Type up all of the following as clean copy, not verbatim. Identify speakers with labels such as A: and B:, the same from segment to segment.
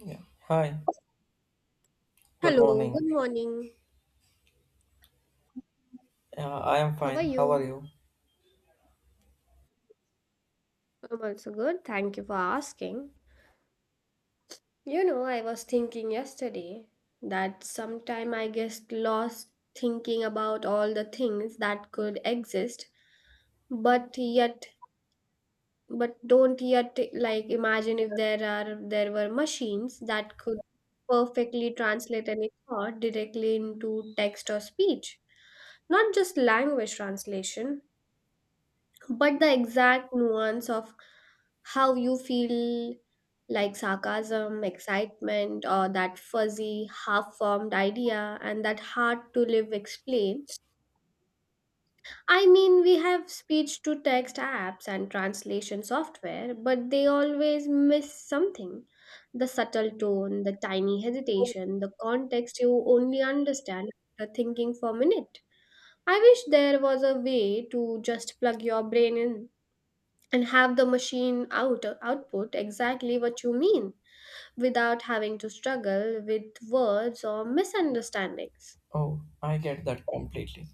A: Yeah. Hi. Good
B: Hello,
A: morning.
B: good morning.
A: I am
B: How are
A: fine. How are
B: you?
A: you?
B: I'm also good. Thank you for asking. I was thinking yesterday that sometime I get lost thinking about all the things that could exist, but yet, but don't yet like imagine if there were machines that could perfectly translate any thought directly into text or speech, not just language translation, but the exact nuance of how you feel like sarcasm, excitement, or that fuzzy, half formed idea and that hard to live explain. We have speech to text apps and translation software, but they always miss something: the subtle tone, the tiny hesitation, the context you only understand after thinking for a minute. I wish there was a way to just plug your brain in and have the machine output exactly what you mean without having to struggle with words or misunderstandings.
A: Oh, I get that completely.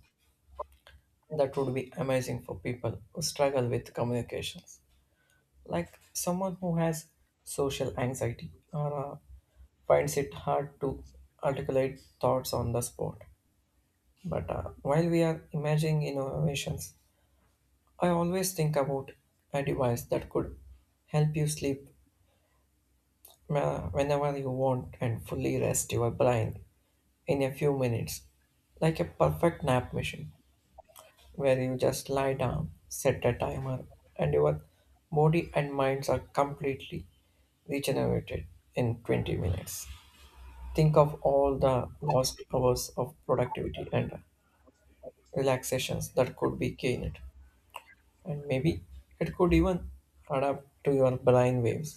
A: That would be amazing for people who struggle with communications, like someone who has social anxiety or finds it hard to articulate thoughts on the spot. But while we are imagining innovations, I always think about a device that could help you sleep whenever you want and fully rest your brain in a few minutes, like a perfect nap machine where you just lie down, set a timer, and your body and minds are completely regenerated in 20 minutes. Think of all the lost hours of productivity and relaxations that could be gained, and maybe it could even adapt to your brain waves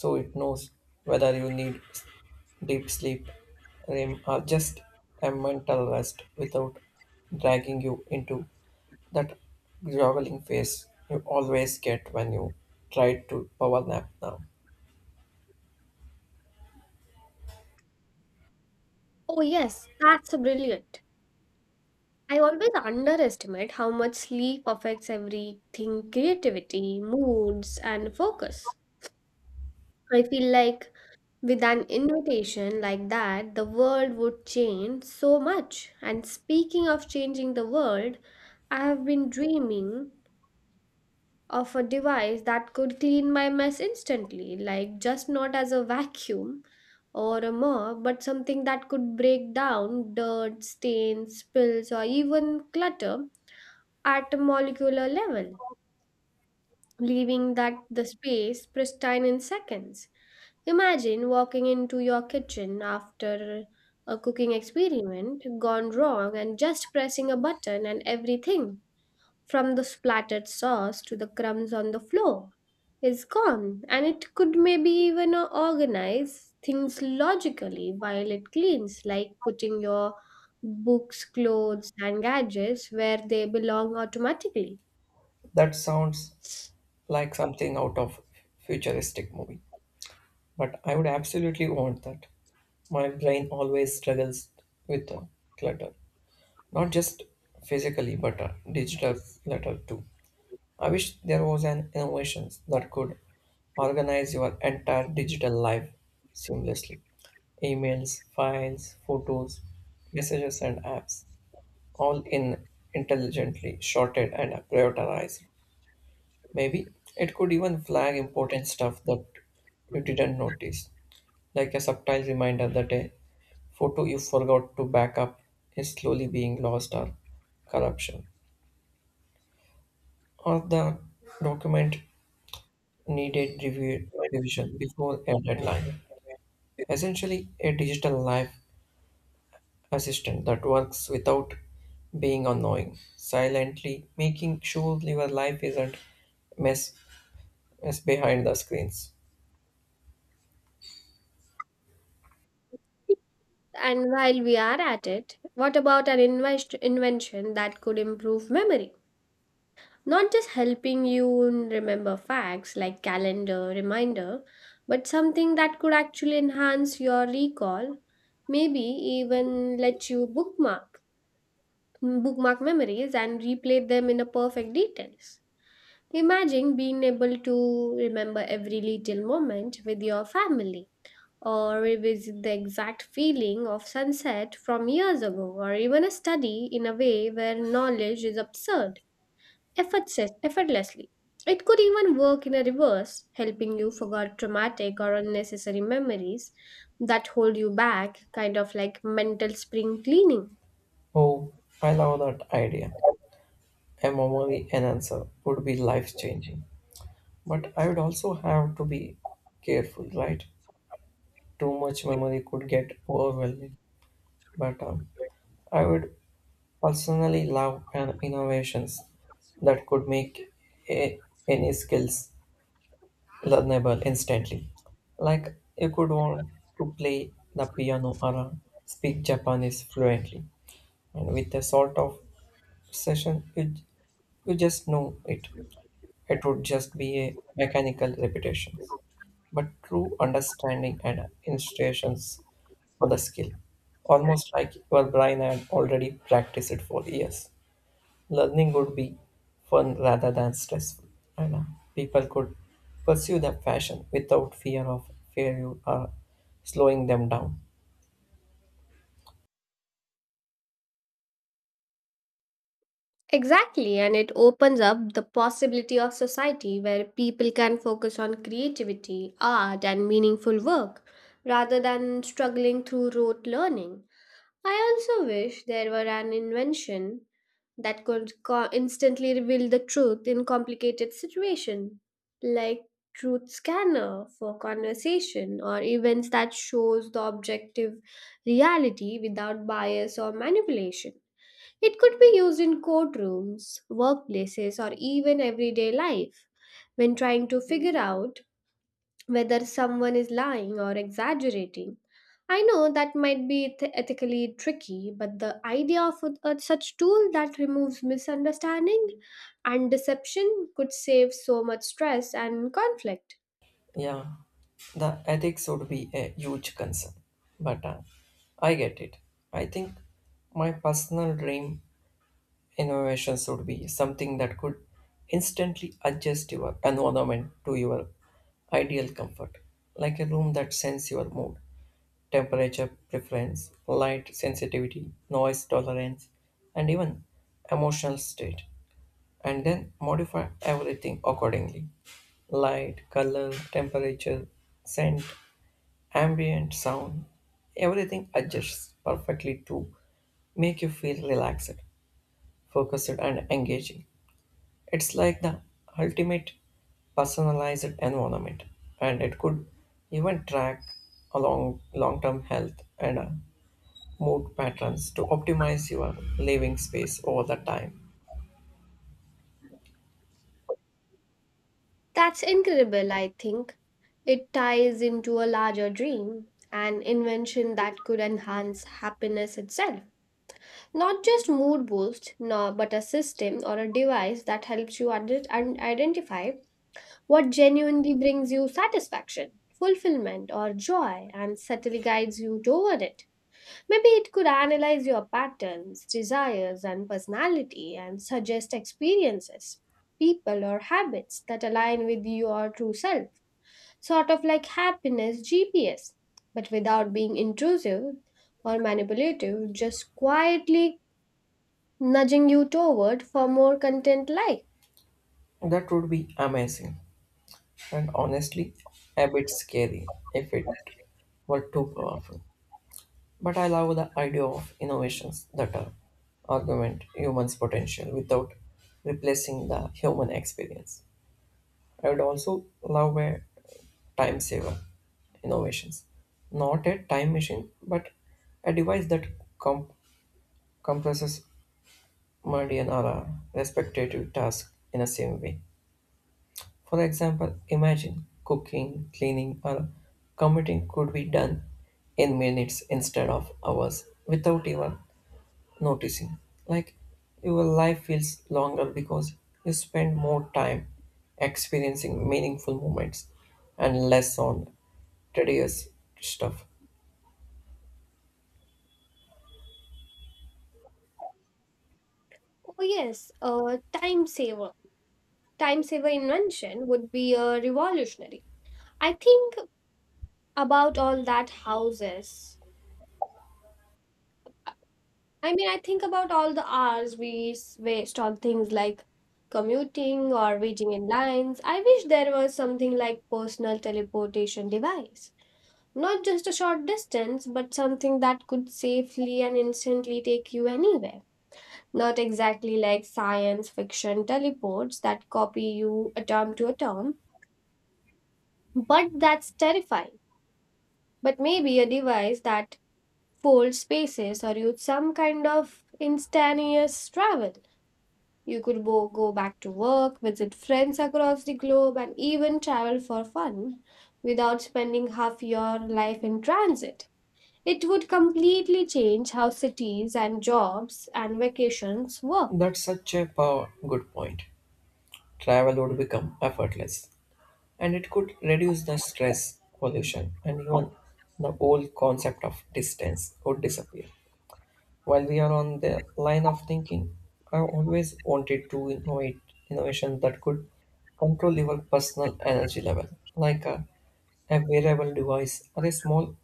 A: so it knows whether you need deep sleep, REM, or just a mental rest without dragging you into that groveling phase you always get when you try to power nap now.
B: Oh yes, that's brilliant. I always underestimate how much sleep affects everything: creativity, moods, and focus. I feel like with an invitation like that the world would change so much. And speaking of changing the world, I have been dreaming of a device that could clean my mess instantly, like just not as a vacuum or a mop, but something that could break down dirt, stains, spills, or even clutter at a molecular level, leaving that the space pristine in seconds. Imagine walking into your kitchen after a cooking experiment gone wrong and just pressing a button and everything from the splattered sauce to the crumbs on the floor is gone. And it could maybe even organize things logically while it cleans, like putting your books, clothes, and gadgets where they belong automatically.
A: That sounds like something out of futuristic movie, but I would absolutely want that. My brain always struggles with clutter, not just physically, but digital clutter too. I wish there was an innovation that could organize your entire digital life seamlessly. Emails, files, photos, messages, and apps, all in intelligently sorted and prioritized. Maybe it could even flag important stuff that you didn't notice, like a subtle reminder that a photo you forgot to back up is slowly being lost or corruption, or the document needed revision before a deadline. Essentially, a digital life assistant that works without being annoying, silently making sure your life isn't mess, mess behind the screens.
B: And while we are at it, what about an invention that could improve memory? Not just helping you remember facts like calendar, reminder, but something that could actually enhance your recall, maybe even let you bookmark memories and replay them in a perfect details. Imagine being able to remember every little moment with your family or revisit the exact feeling of sunset from years ago, or even a study in a way where knowledge is absurd effortlessly. It could even work in a reverse, helping you forget traumatic or unnecessary memories that hold you back, kind of like mental spring cleaning.
A: Oh, I love that idea. A memory enhancer would be life changing. But I would also have to be careful, right? Too much memory could get overwhelming. But I would personally love and innovations that could make a, any skills learnable instantly. Like you could want to play the piano or speak Japanese fluently, and with a sort of session, you just know it. It would just be a mechanical repetitions, but true understanding and instructions for the skill, almost like your brain had already practiced it for years learning would be fun rather than stressful. And know, people could pursue their passion without fear of failure or slowing them down.
B: Exactly, and it opens up the possibility of society where people can focus on creativity, art, and meaningful work rather than struggling through rote learning. I also wish there were an invention that could instantly reveal the truth in complicated situation, like truth scanner for conversation or events that shows the objective reality without bias or manipulation. It could be used in courtrooms, workplaces, or even everyday life when trying to figure out whether someone is lying or exaggerating. I know that might be ethically tricky, but the idea of such tool that removes misunderstanding and deception could save so much stress and conflict.
A: Yeah, the ethics would be a huge concern, but I get it. I think my personal dream innovations would be something that could instantly adjust your environment to your ideal comfort, like a room that sends your mood temperature preference, light sensitivity, noise tolerance, and even emotional state, and then modify everything accordingly light, color, temperature, scent, ambient sound. Everything adjusts perfectly to make you feel relaxed, focused, and engaging. It's like the ultimate personalized environment, and it could even track along long-term health and mood patterns to optimize your living space over the time.
B: That's incredible, I think. It ties into a larger dream, an invention that could enhance happiness itself. Not just mood boost, no, but a system or a device that helps you identify what genuinely brings you satisfaction, fulfillment, or joy and subtly guides you toward it. Maybe it could analyze your patterns, desires, and personality and suggest experiences, people, or habits that align with your true self, sort of like happiness GPS, but without being intrusive or manipulative, just quietly nudging you toward for more content life.
A: That would be amazing and honestly a bit scary if it were too powerful. But I love the idea of innovations that are augment humans' potential without replacing the human experience. I would also love a time saver innovations, not a time machine, but a device that comp- compresses mundane respective tasks in the same way. For example, imagine cooking, cleaning, or commuting could be done in minutes instead of hours without even noticing. Like your life feels longer because you spend more time experiencing meaningful moments and less on tedious stuff.
B: Oh yes, a time saver. Time saver invention would be a revolutionary. I think about all that houses. I think about all the hours we waste on things like commuting or waiting in lines. I wish there was something like personal teleportation device. Not just a short distance, but something that could safely and instantly take you anywhere. Not exactly like science fiction teleports that copy you atom to atom, but that's terrifying, but maybe a device that folds spaces or use some kind of instantaneous travel. You could go back to work, visit friends across the globe, and even travel for fun without spending half your life in transit. It would completely change how cities and jobs and vacations work.
A: That's such a power, good point. Travel would become effortless and it could reduce the stress, pollution, and even the whole concept of distance would disappear. While we are on the line of thinking, I always wanted to innovate innovation that could control your personal energy level, like a wearable device or a small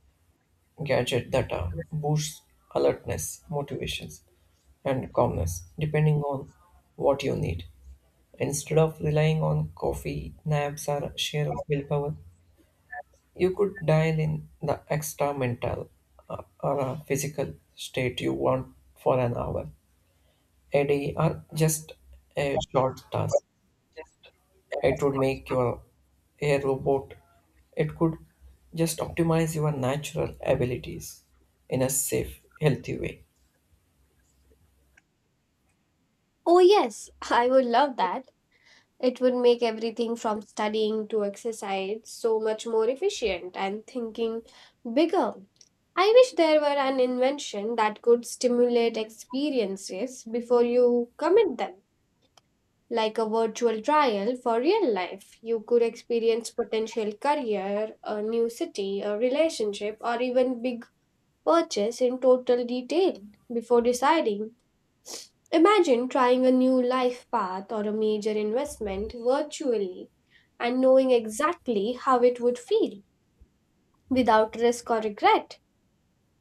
A: gadget that boosts alertness, motivations, and calmness, depending on what you need. Instead of relying on coffee, naps, or sheer willpower, you could dial in the extra mental or physical state you want for an hour a day or just a short task. It would make your a robot. It could just optimize your natural abilities in a safe, healthy way.
B: Oh, yes, I would love that. It would make everything from studying to exercise so much more efficient. And thinking bigger, I wish there were an invention that could stimulate experiences before you commit them, like a virtual trial for real life. You could experience potential career, a new city, a relationship, or even big purchase in total detail before deciding. Imagine trying a new life path or a major investment virtually and knowing exactly how it would feel without risk or regret.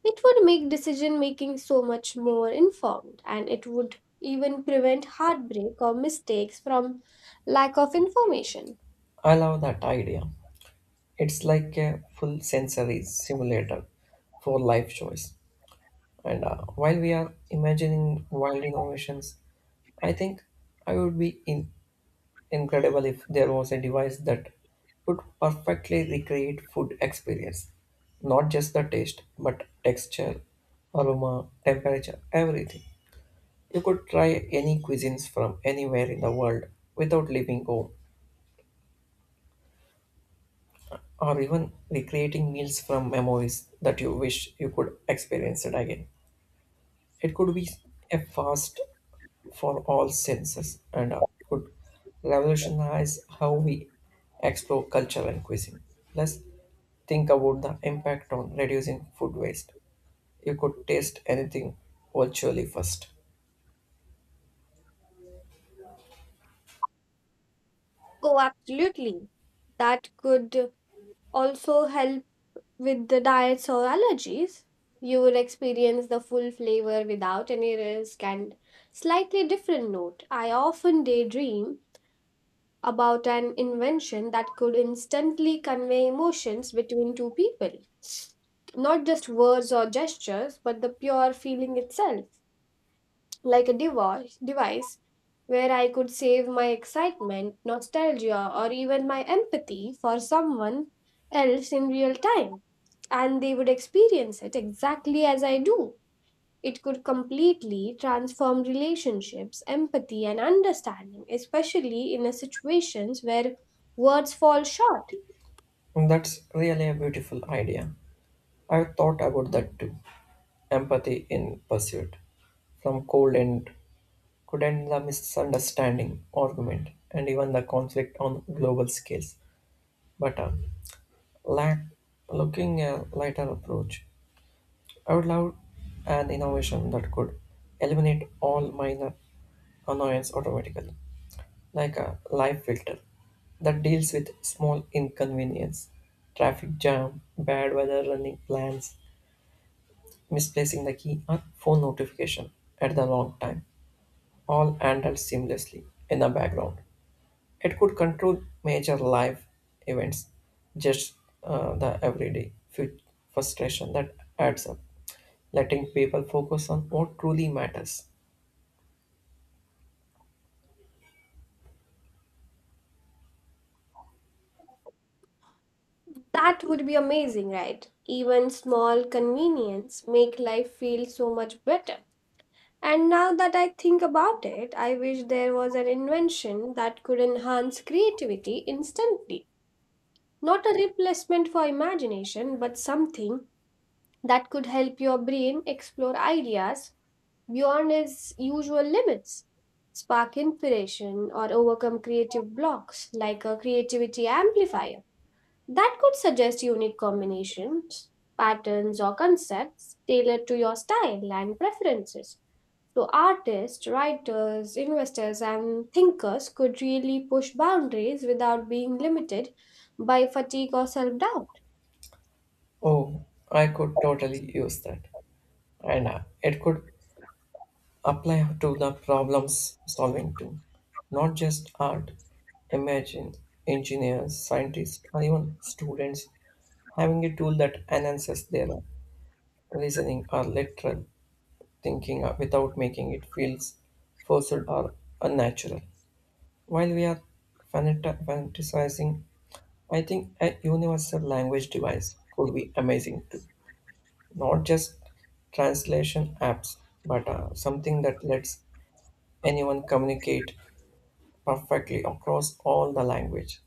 B: It would make decision making so much more informed, and it would even prevent heartbreak or mistakes from lack of information.
A: I love that idea. It's like a full sensory simulator for life choice. And while we are imagining wild innovations, I think I would be in incredible if there was a device that could perfectly recreate food experience not just the taste but texture aroma temperature everything you could try any cuisines from anywhere in the world without leaving home or even recreating meals from memories that you wish you could experience it again it could be a fast for all senses and could revolutionize how we explore culture and cuisine plus think about the impact on reducing food waste. You could taste anything virtually first.
B: Oh, absolutely. That could also help with the diets or allergies. You will experience the full flavor without any risk. And slightly different note, I often daydream about an invention that could instantly convey emotions between two people. Not just words or gestures, but the pure feeling itself, like a device where I could save my excitement, nostalgia, or even my empathy for someone else in real time, and they would experience it exactly as I do. It could completely transform relationships, empathy, and understanding, especially in a situations where words fall short.
A: That's really a beautiful idea. I thought about that too. Empathy in pursuit. From cold end could end the misunderstanding, argument, and even the conflict on global scales. But lack looking a lighter approach. I would love an innovation that could eliminate all minor annoyance automatically, like a life filter that deals with small inconvenience, traffic jam, bad weather, running plans, misplacing the key, or phone notification at the wrong time, all handled seamlessly in the background. It could control major life events, just the everyday frustration that adds up, letting people focus on what truly matters.
B: That would be amazing, right? Even small convenience make life feel so much better. And now that I think about it, I wish there was an invention that could enhance creativity instantly. Not a replacement for imagination, but something that could help your brain explore ideas beyond its usual limits, spark inspiration, or overcome creative blocks, like a creativity amplifier that could suggest unique combinations, patterns, or concepts tailored to your style and preferences. So, artists, writers, investors, and thinkers could really push boundaries without being limited by fatigue or self doubt.
A: Oh, I could totally use that. And it could apply to the problems solving too. Not just art, imagine engineers, scientists, or even students having a tool that enhances their reasoning or literal thinking without making it feels forced or unnatural. While we are fantasizing, I think a universal language device could be amazing too. Not just translation apps, but something that lets anyone communicate perfectly across all the language,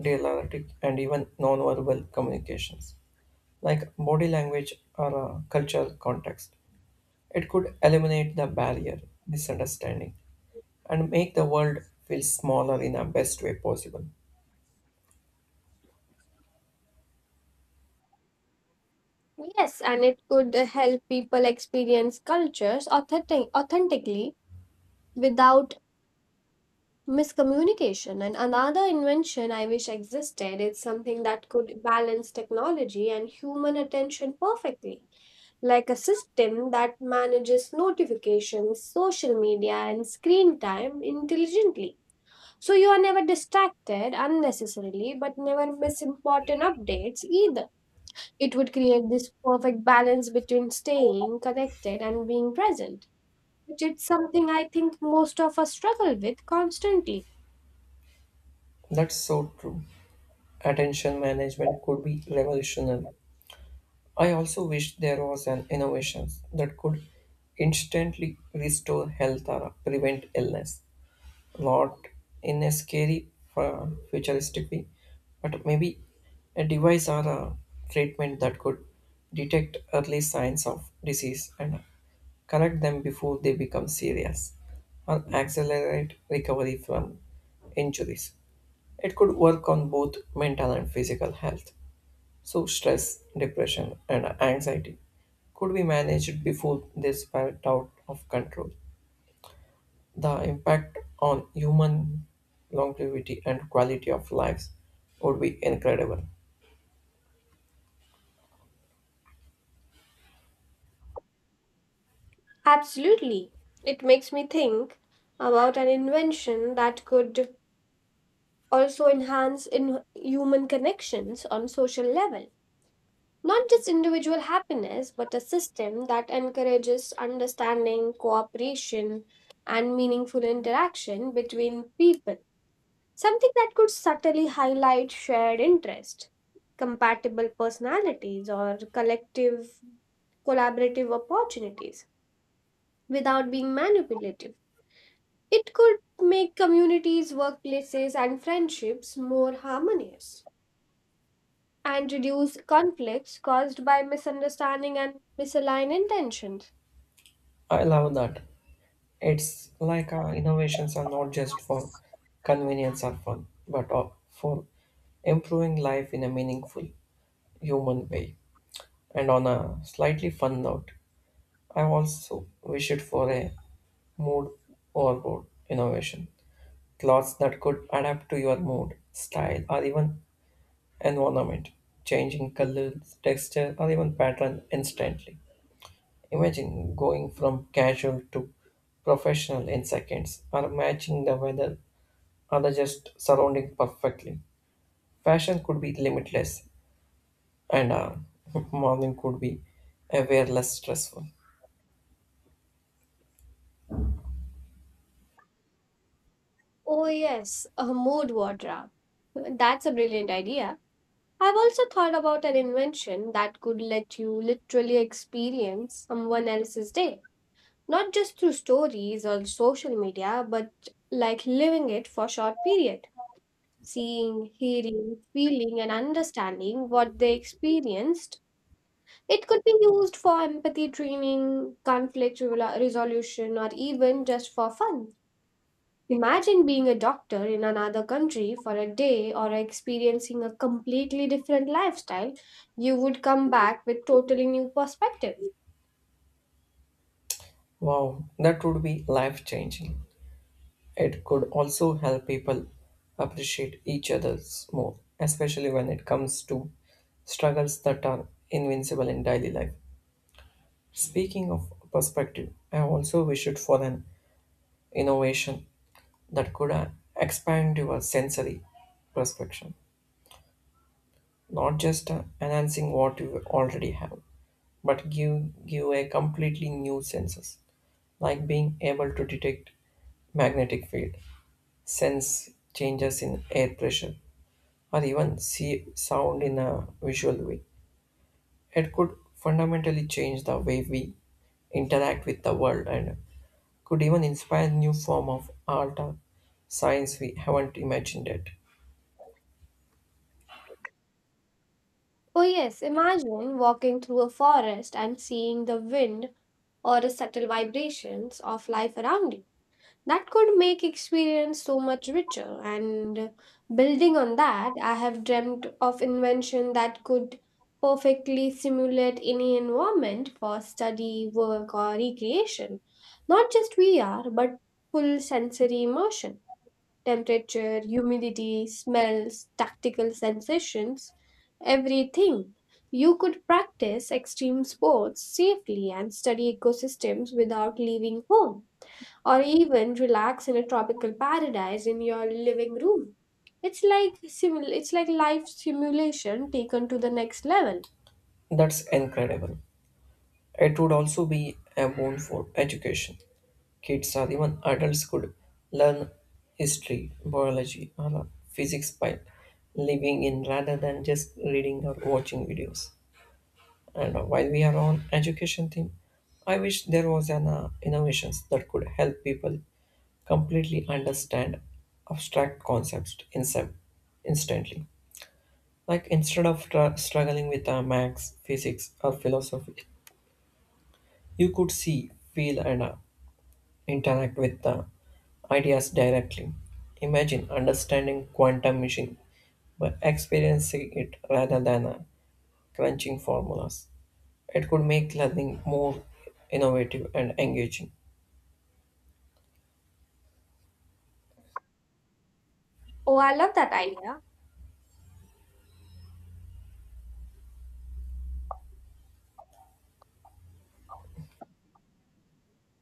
A: dialectic, and even nonverbal communications, like body language or cultural context. It could eliminate the barrier, misunderstanding, and make the world feel smaller in the best way possible.
B: Yes, and it could help people experience cultures authentically without miscommunication. And another invention I wish existed is something that could balance technology and human attention perfectly, like a system that manages notifications, social media, and screen time intelligently. So you are never distracted unnecessarily, but never miss important updates either. It would create this perfect balance between staying connected and being present, which is something I think most of us struggle with constantly.
A: That's so true. Attention management could be revolutionary. I also wish there was an innovation that could instantly restore health or prevent illness plot in a scary futuristic way, but maybe a device or a treatment that could detect early signs of disease and correct them before they become serious or accelerate recovery from injuries. It could work on both mental and physical health. So, stress, depression, and anxiety could be managed before they spiral out of control the impact on human longevity and quality of lives would be incredible.
B: Absolutely. It makes me think about an invention that could also enhance in human connections on social level. Not just individual happiness, but a system that encourages understanding, cooperation, and meaningful interaction between people. Something that could subtly highlight shared interest, compatible personalities, or collective collaborative opportunities without being manipulative. It could make communities, workplaces, and friendships more harmonious and reduce conflicts caused by misunderstanding and misaligned intentions.
A: I love that. It's like our innovations are not just for convenience or fun, but for improving life in a meaningful human way. And on a slightly fun note, I also wish it for a mood overboard innovation. Clothes that could adapt to your mood, style, or even environment, changing colors, texture, or even pattern instantly. Imagine going from casual to professional in seconds, or matching the weather or the just surrounding perfectly. Fashion could be limitless, and modeling could be a way less stressful.
B: Oh, yes, a mood wardrobe. That's a brilliant idea. I've also thought about an invention that could let you literally experience someone else's day, not just through stories or social media, but like living it for a short period, seeing, hearing, feeling, and understanding what they experienced. It could be used for empathy training, conflict resolution, or even just for fun. Imagine being a doctor in another country for a day or experiencing a completely different lifestyle. You would come back with totally new perspective.
A: Wow, that would be life changing. It could also help people appreciate each other's more, especially when it comes to struggles that are invincible in daily life. Speaking of perspective, I also wished for an innovation that could expand your sensory perception, not just enhancing what you already have, but give a completely new senses, like being able to detect magnetic field, sense changes in air pressure, or even see sound in a visual way. It could fundamentally change the way we interact with the world and could even inspire new form of art or science we haven't imagined yet.
B: Oh yes, imagine walking through a forest and seeing the wind or the subtle vibrations of life around you. That could make experience so much richer. And building on that, I have dreamt of invention that could perfectly simulate any environment for study, work, or recreation. Not just VR, but full sensory immersion. Temperature, humidity, smells, tactical sensations, everything. You could practice extreme sports safely and study ecosystems without leaving home, or even relax in a tropical paradise in your living room. It's like life simulation taken to the next level.
A: That's incredible. It would also be a boon for education. Kids or even adults could learn history, biology, or physics by living in rather than just reading or watching videos. And while we are on education theme, I wish there was an innovations that could help people completely understand abstract concepts instantly. Like instead of struggling with maths, physics, or philosophy, you could see, feel, and interact with the ideas directly. Imagine understanding quantum machine by experiencing it rather than crunching formulas. It could make learning more innovative and engaging.
B: Oh, I love that idea.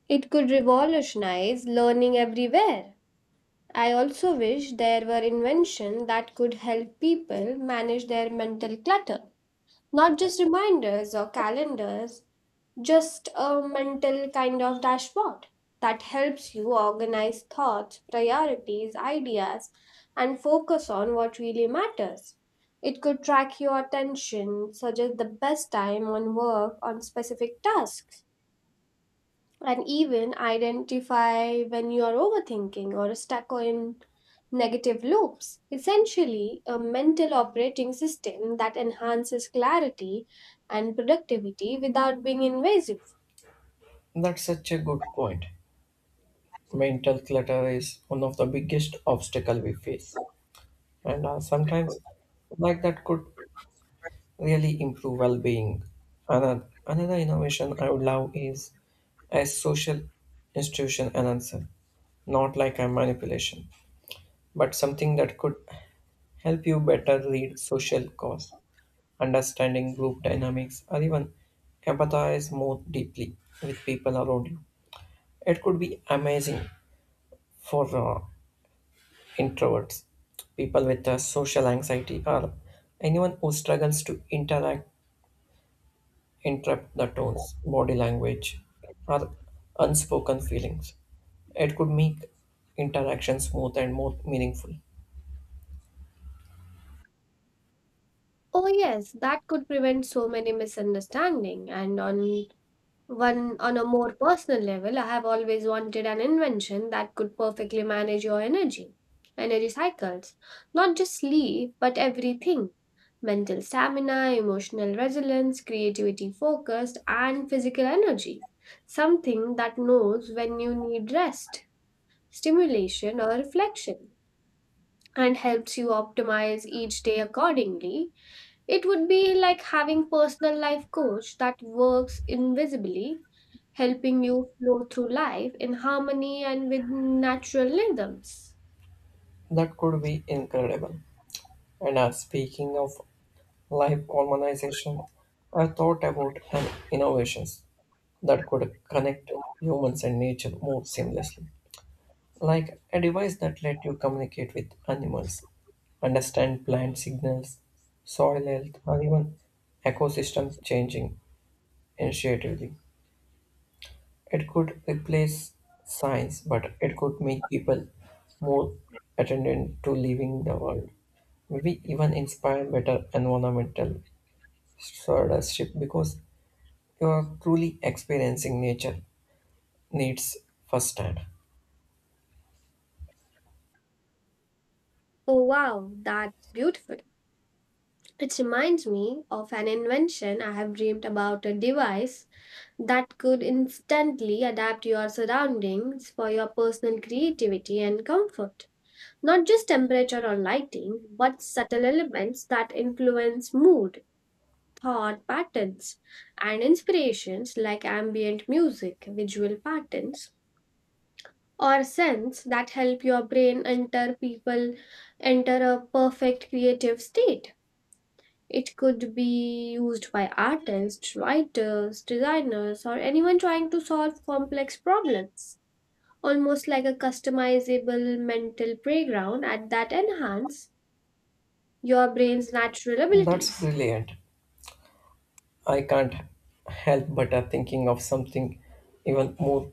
B: It could revolutionize learning everywhere. I also wish there were inventions that could help people manage their mental clutter. Not just reminders or calendars, just a mental kind of dashboard that helps you organize thoughts, priorities, ideas, and focus on what really matters. It could track your attention, suggest the best time on work on specific tasks, and even identify when you are overthinking or stuck in negative loops. Essentially, a mental operating system that enhances clarity and productivity without being invasive.
A: That's such a good point. Mental clutter is one of the biggest obstacle we face, and sometimes like that could really improve well-being. Another innovation I would love is a social institution enhancer, not like a manipulation, but something that could help you better read social cause, understanding group dynamics, or even empathize more deeply with people around you. It could be amazing for uh, introverts, people with social anxiety, or anyone who struggles to interact, interrupt the tones, body language, or unspoken feelings. It could make interactions smooth and more meaningful.
B: Oh yes, that could prevent so many misunderstanding. And on one on a more personal level, I have always wanted an invention that could perfectly manage your energy, energy cycles, not just sleep, but everything. Mental stamina, emotional resilience, creativity focused, and physical energy. Something that knows when you need rest, stimulation, or reflection, and helps you optimize each day accordingly. It would be like having personal life coach that works invisibly, helping you flow through life in harmony and with natural rhythms.
A: That could be incredible. And speaking of life harmonization, I thought about an innovations that could connect humans and nature more seamlessly, like a device that let you communicate with animals, understand plant signals, soil health, or even ecosystem changing initiatively. It could replace science, but it could make people more attendant to living the world. Maybe even inspire better environmental Stardust ship because you are truly experiencing nature needs firsthand.
B: Oh wow, that's beautiful. It reminds me of an invention I have dreamed about, a device that could instantly adapt your surroundings for your personal creativity and comfort. Not just temperature or lighting, but subtle elements that influence mood, thought patterns, and inspirations, like ambient music, visual patterns, or scents that help your brain enter a perfect creative state. It could be used by artists, writers, designers, or anyone trying to solve complex problems. Almost like a customizable mental playground at that enhance your brain's natural
A: That's
B: abilities.
A: brilliant. I can't help but thinking of something even more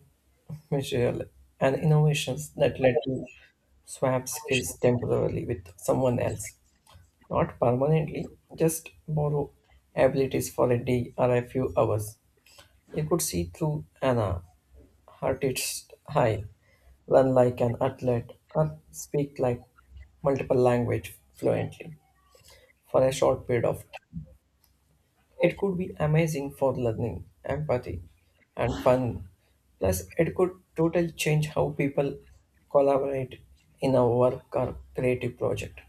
A: material and innovations that let you swap skills temporarily with someone else, not permanently, just borrow abilities for a day or a few hours. You could see through Anna heart is high, run like an athlete, and speak like multiple language fluently for a short period of time. It could be amazing for learning, empathy, and fun. Plus, it could totally change how people collaborate in a work or creative project.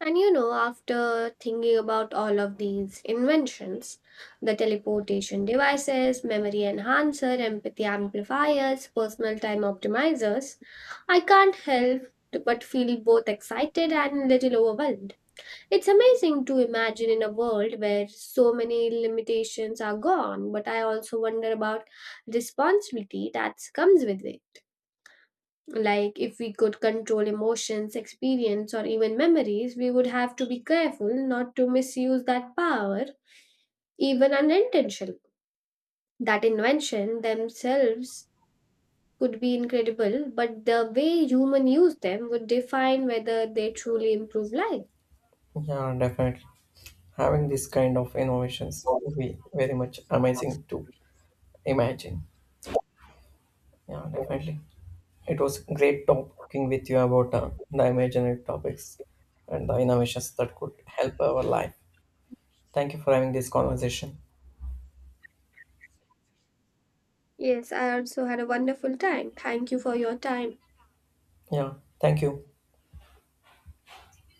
B: And you know, after thinking about all of these inventions, the teleportation devices, memory enhancer, empathy amplifiers, personal time optimizers, I can't help but feel both excited and little overwhelmed. It's amazing to imagine in a world where so many limitations are gone, but I also wonder about responsibility that comes with it. Like, if we could control emotions, experience, or even memories, we would have to be careful not to misuse that power, even unintentionally. That invention themselves could be incredible, but the way humans use them would define whether they truly improve life.
A: Yeah, definitely. Having this kind of innovations would be very much amazing to imagine. Yeah, definitely. It was great talking with you about the imaginary topics and the innovations that could help our life. Thank you for having this conversation.
B: Yes, I also had a wonderful time. Thank you for your time.
A: Yeah, thank you.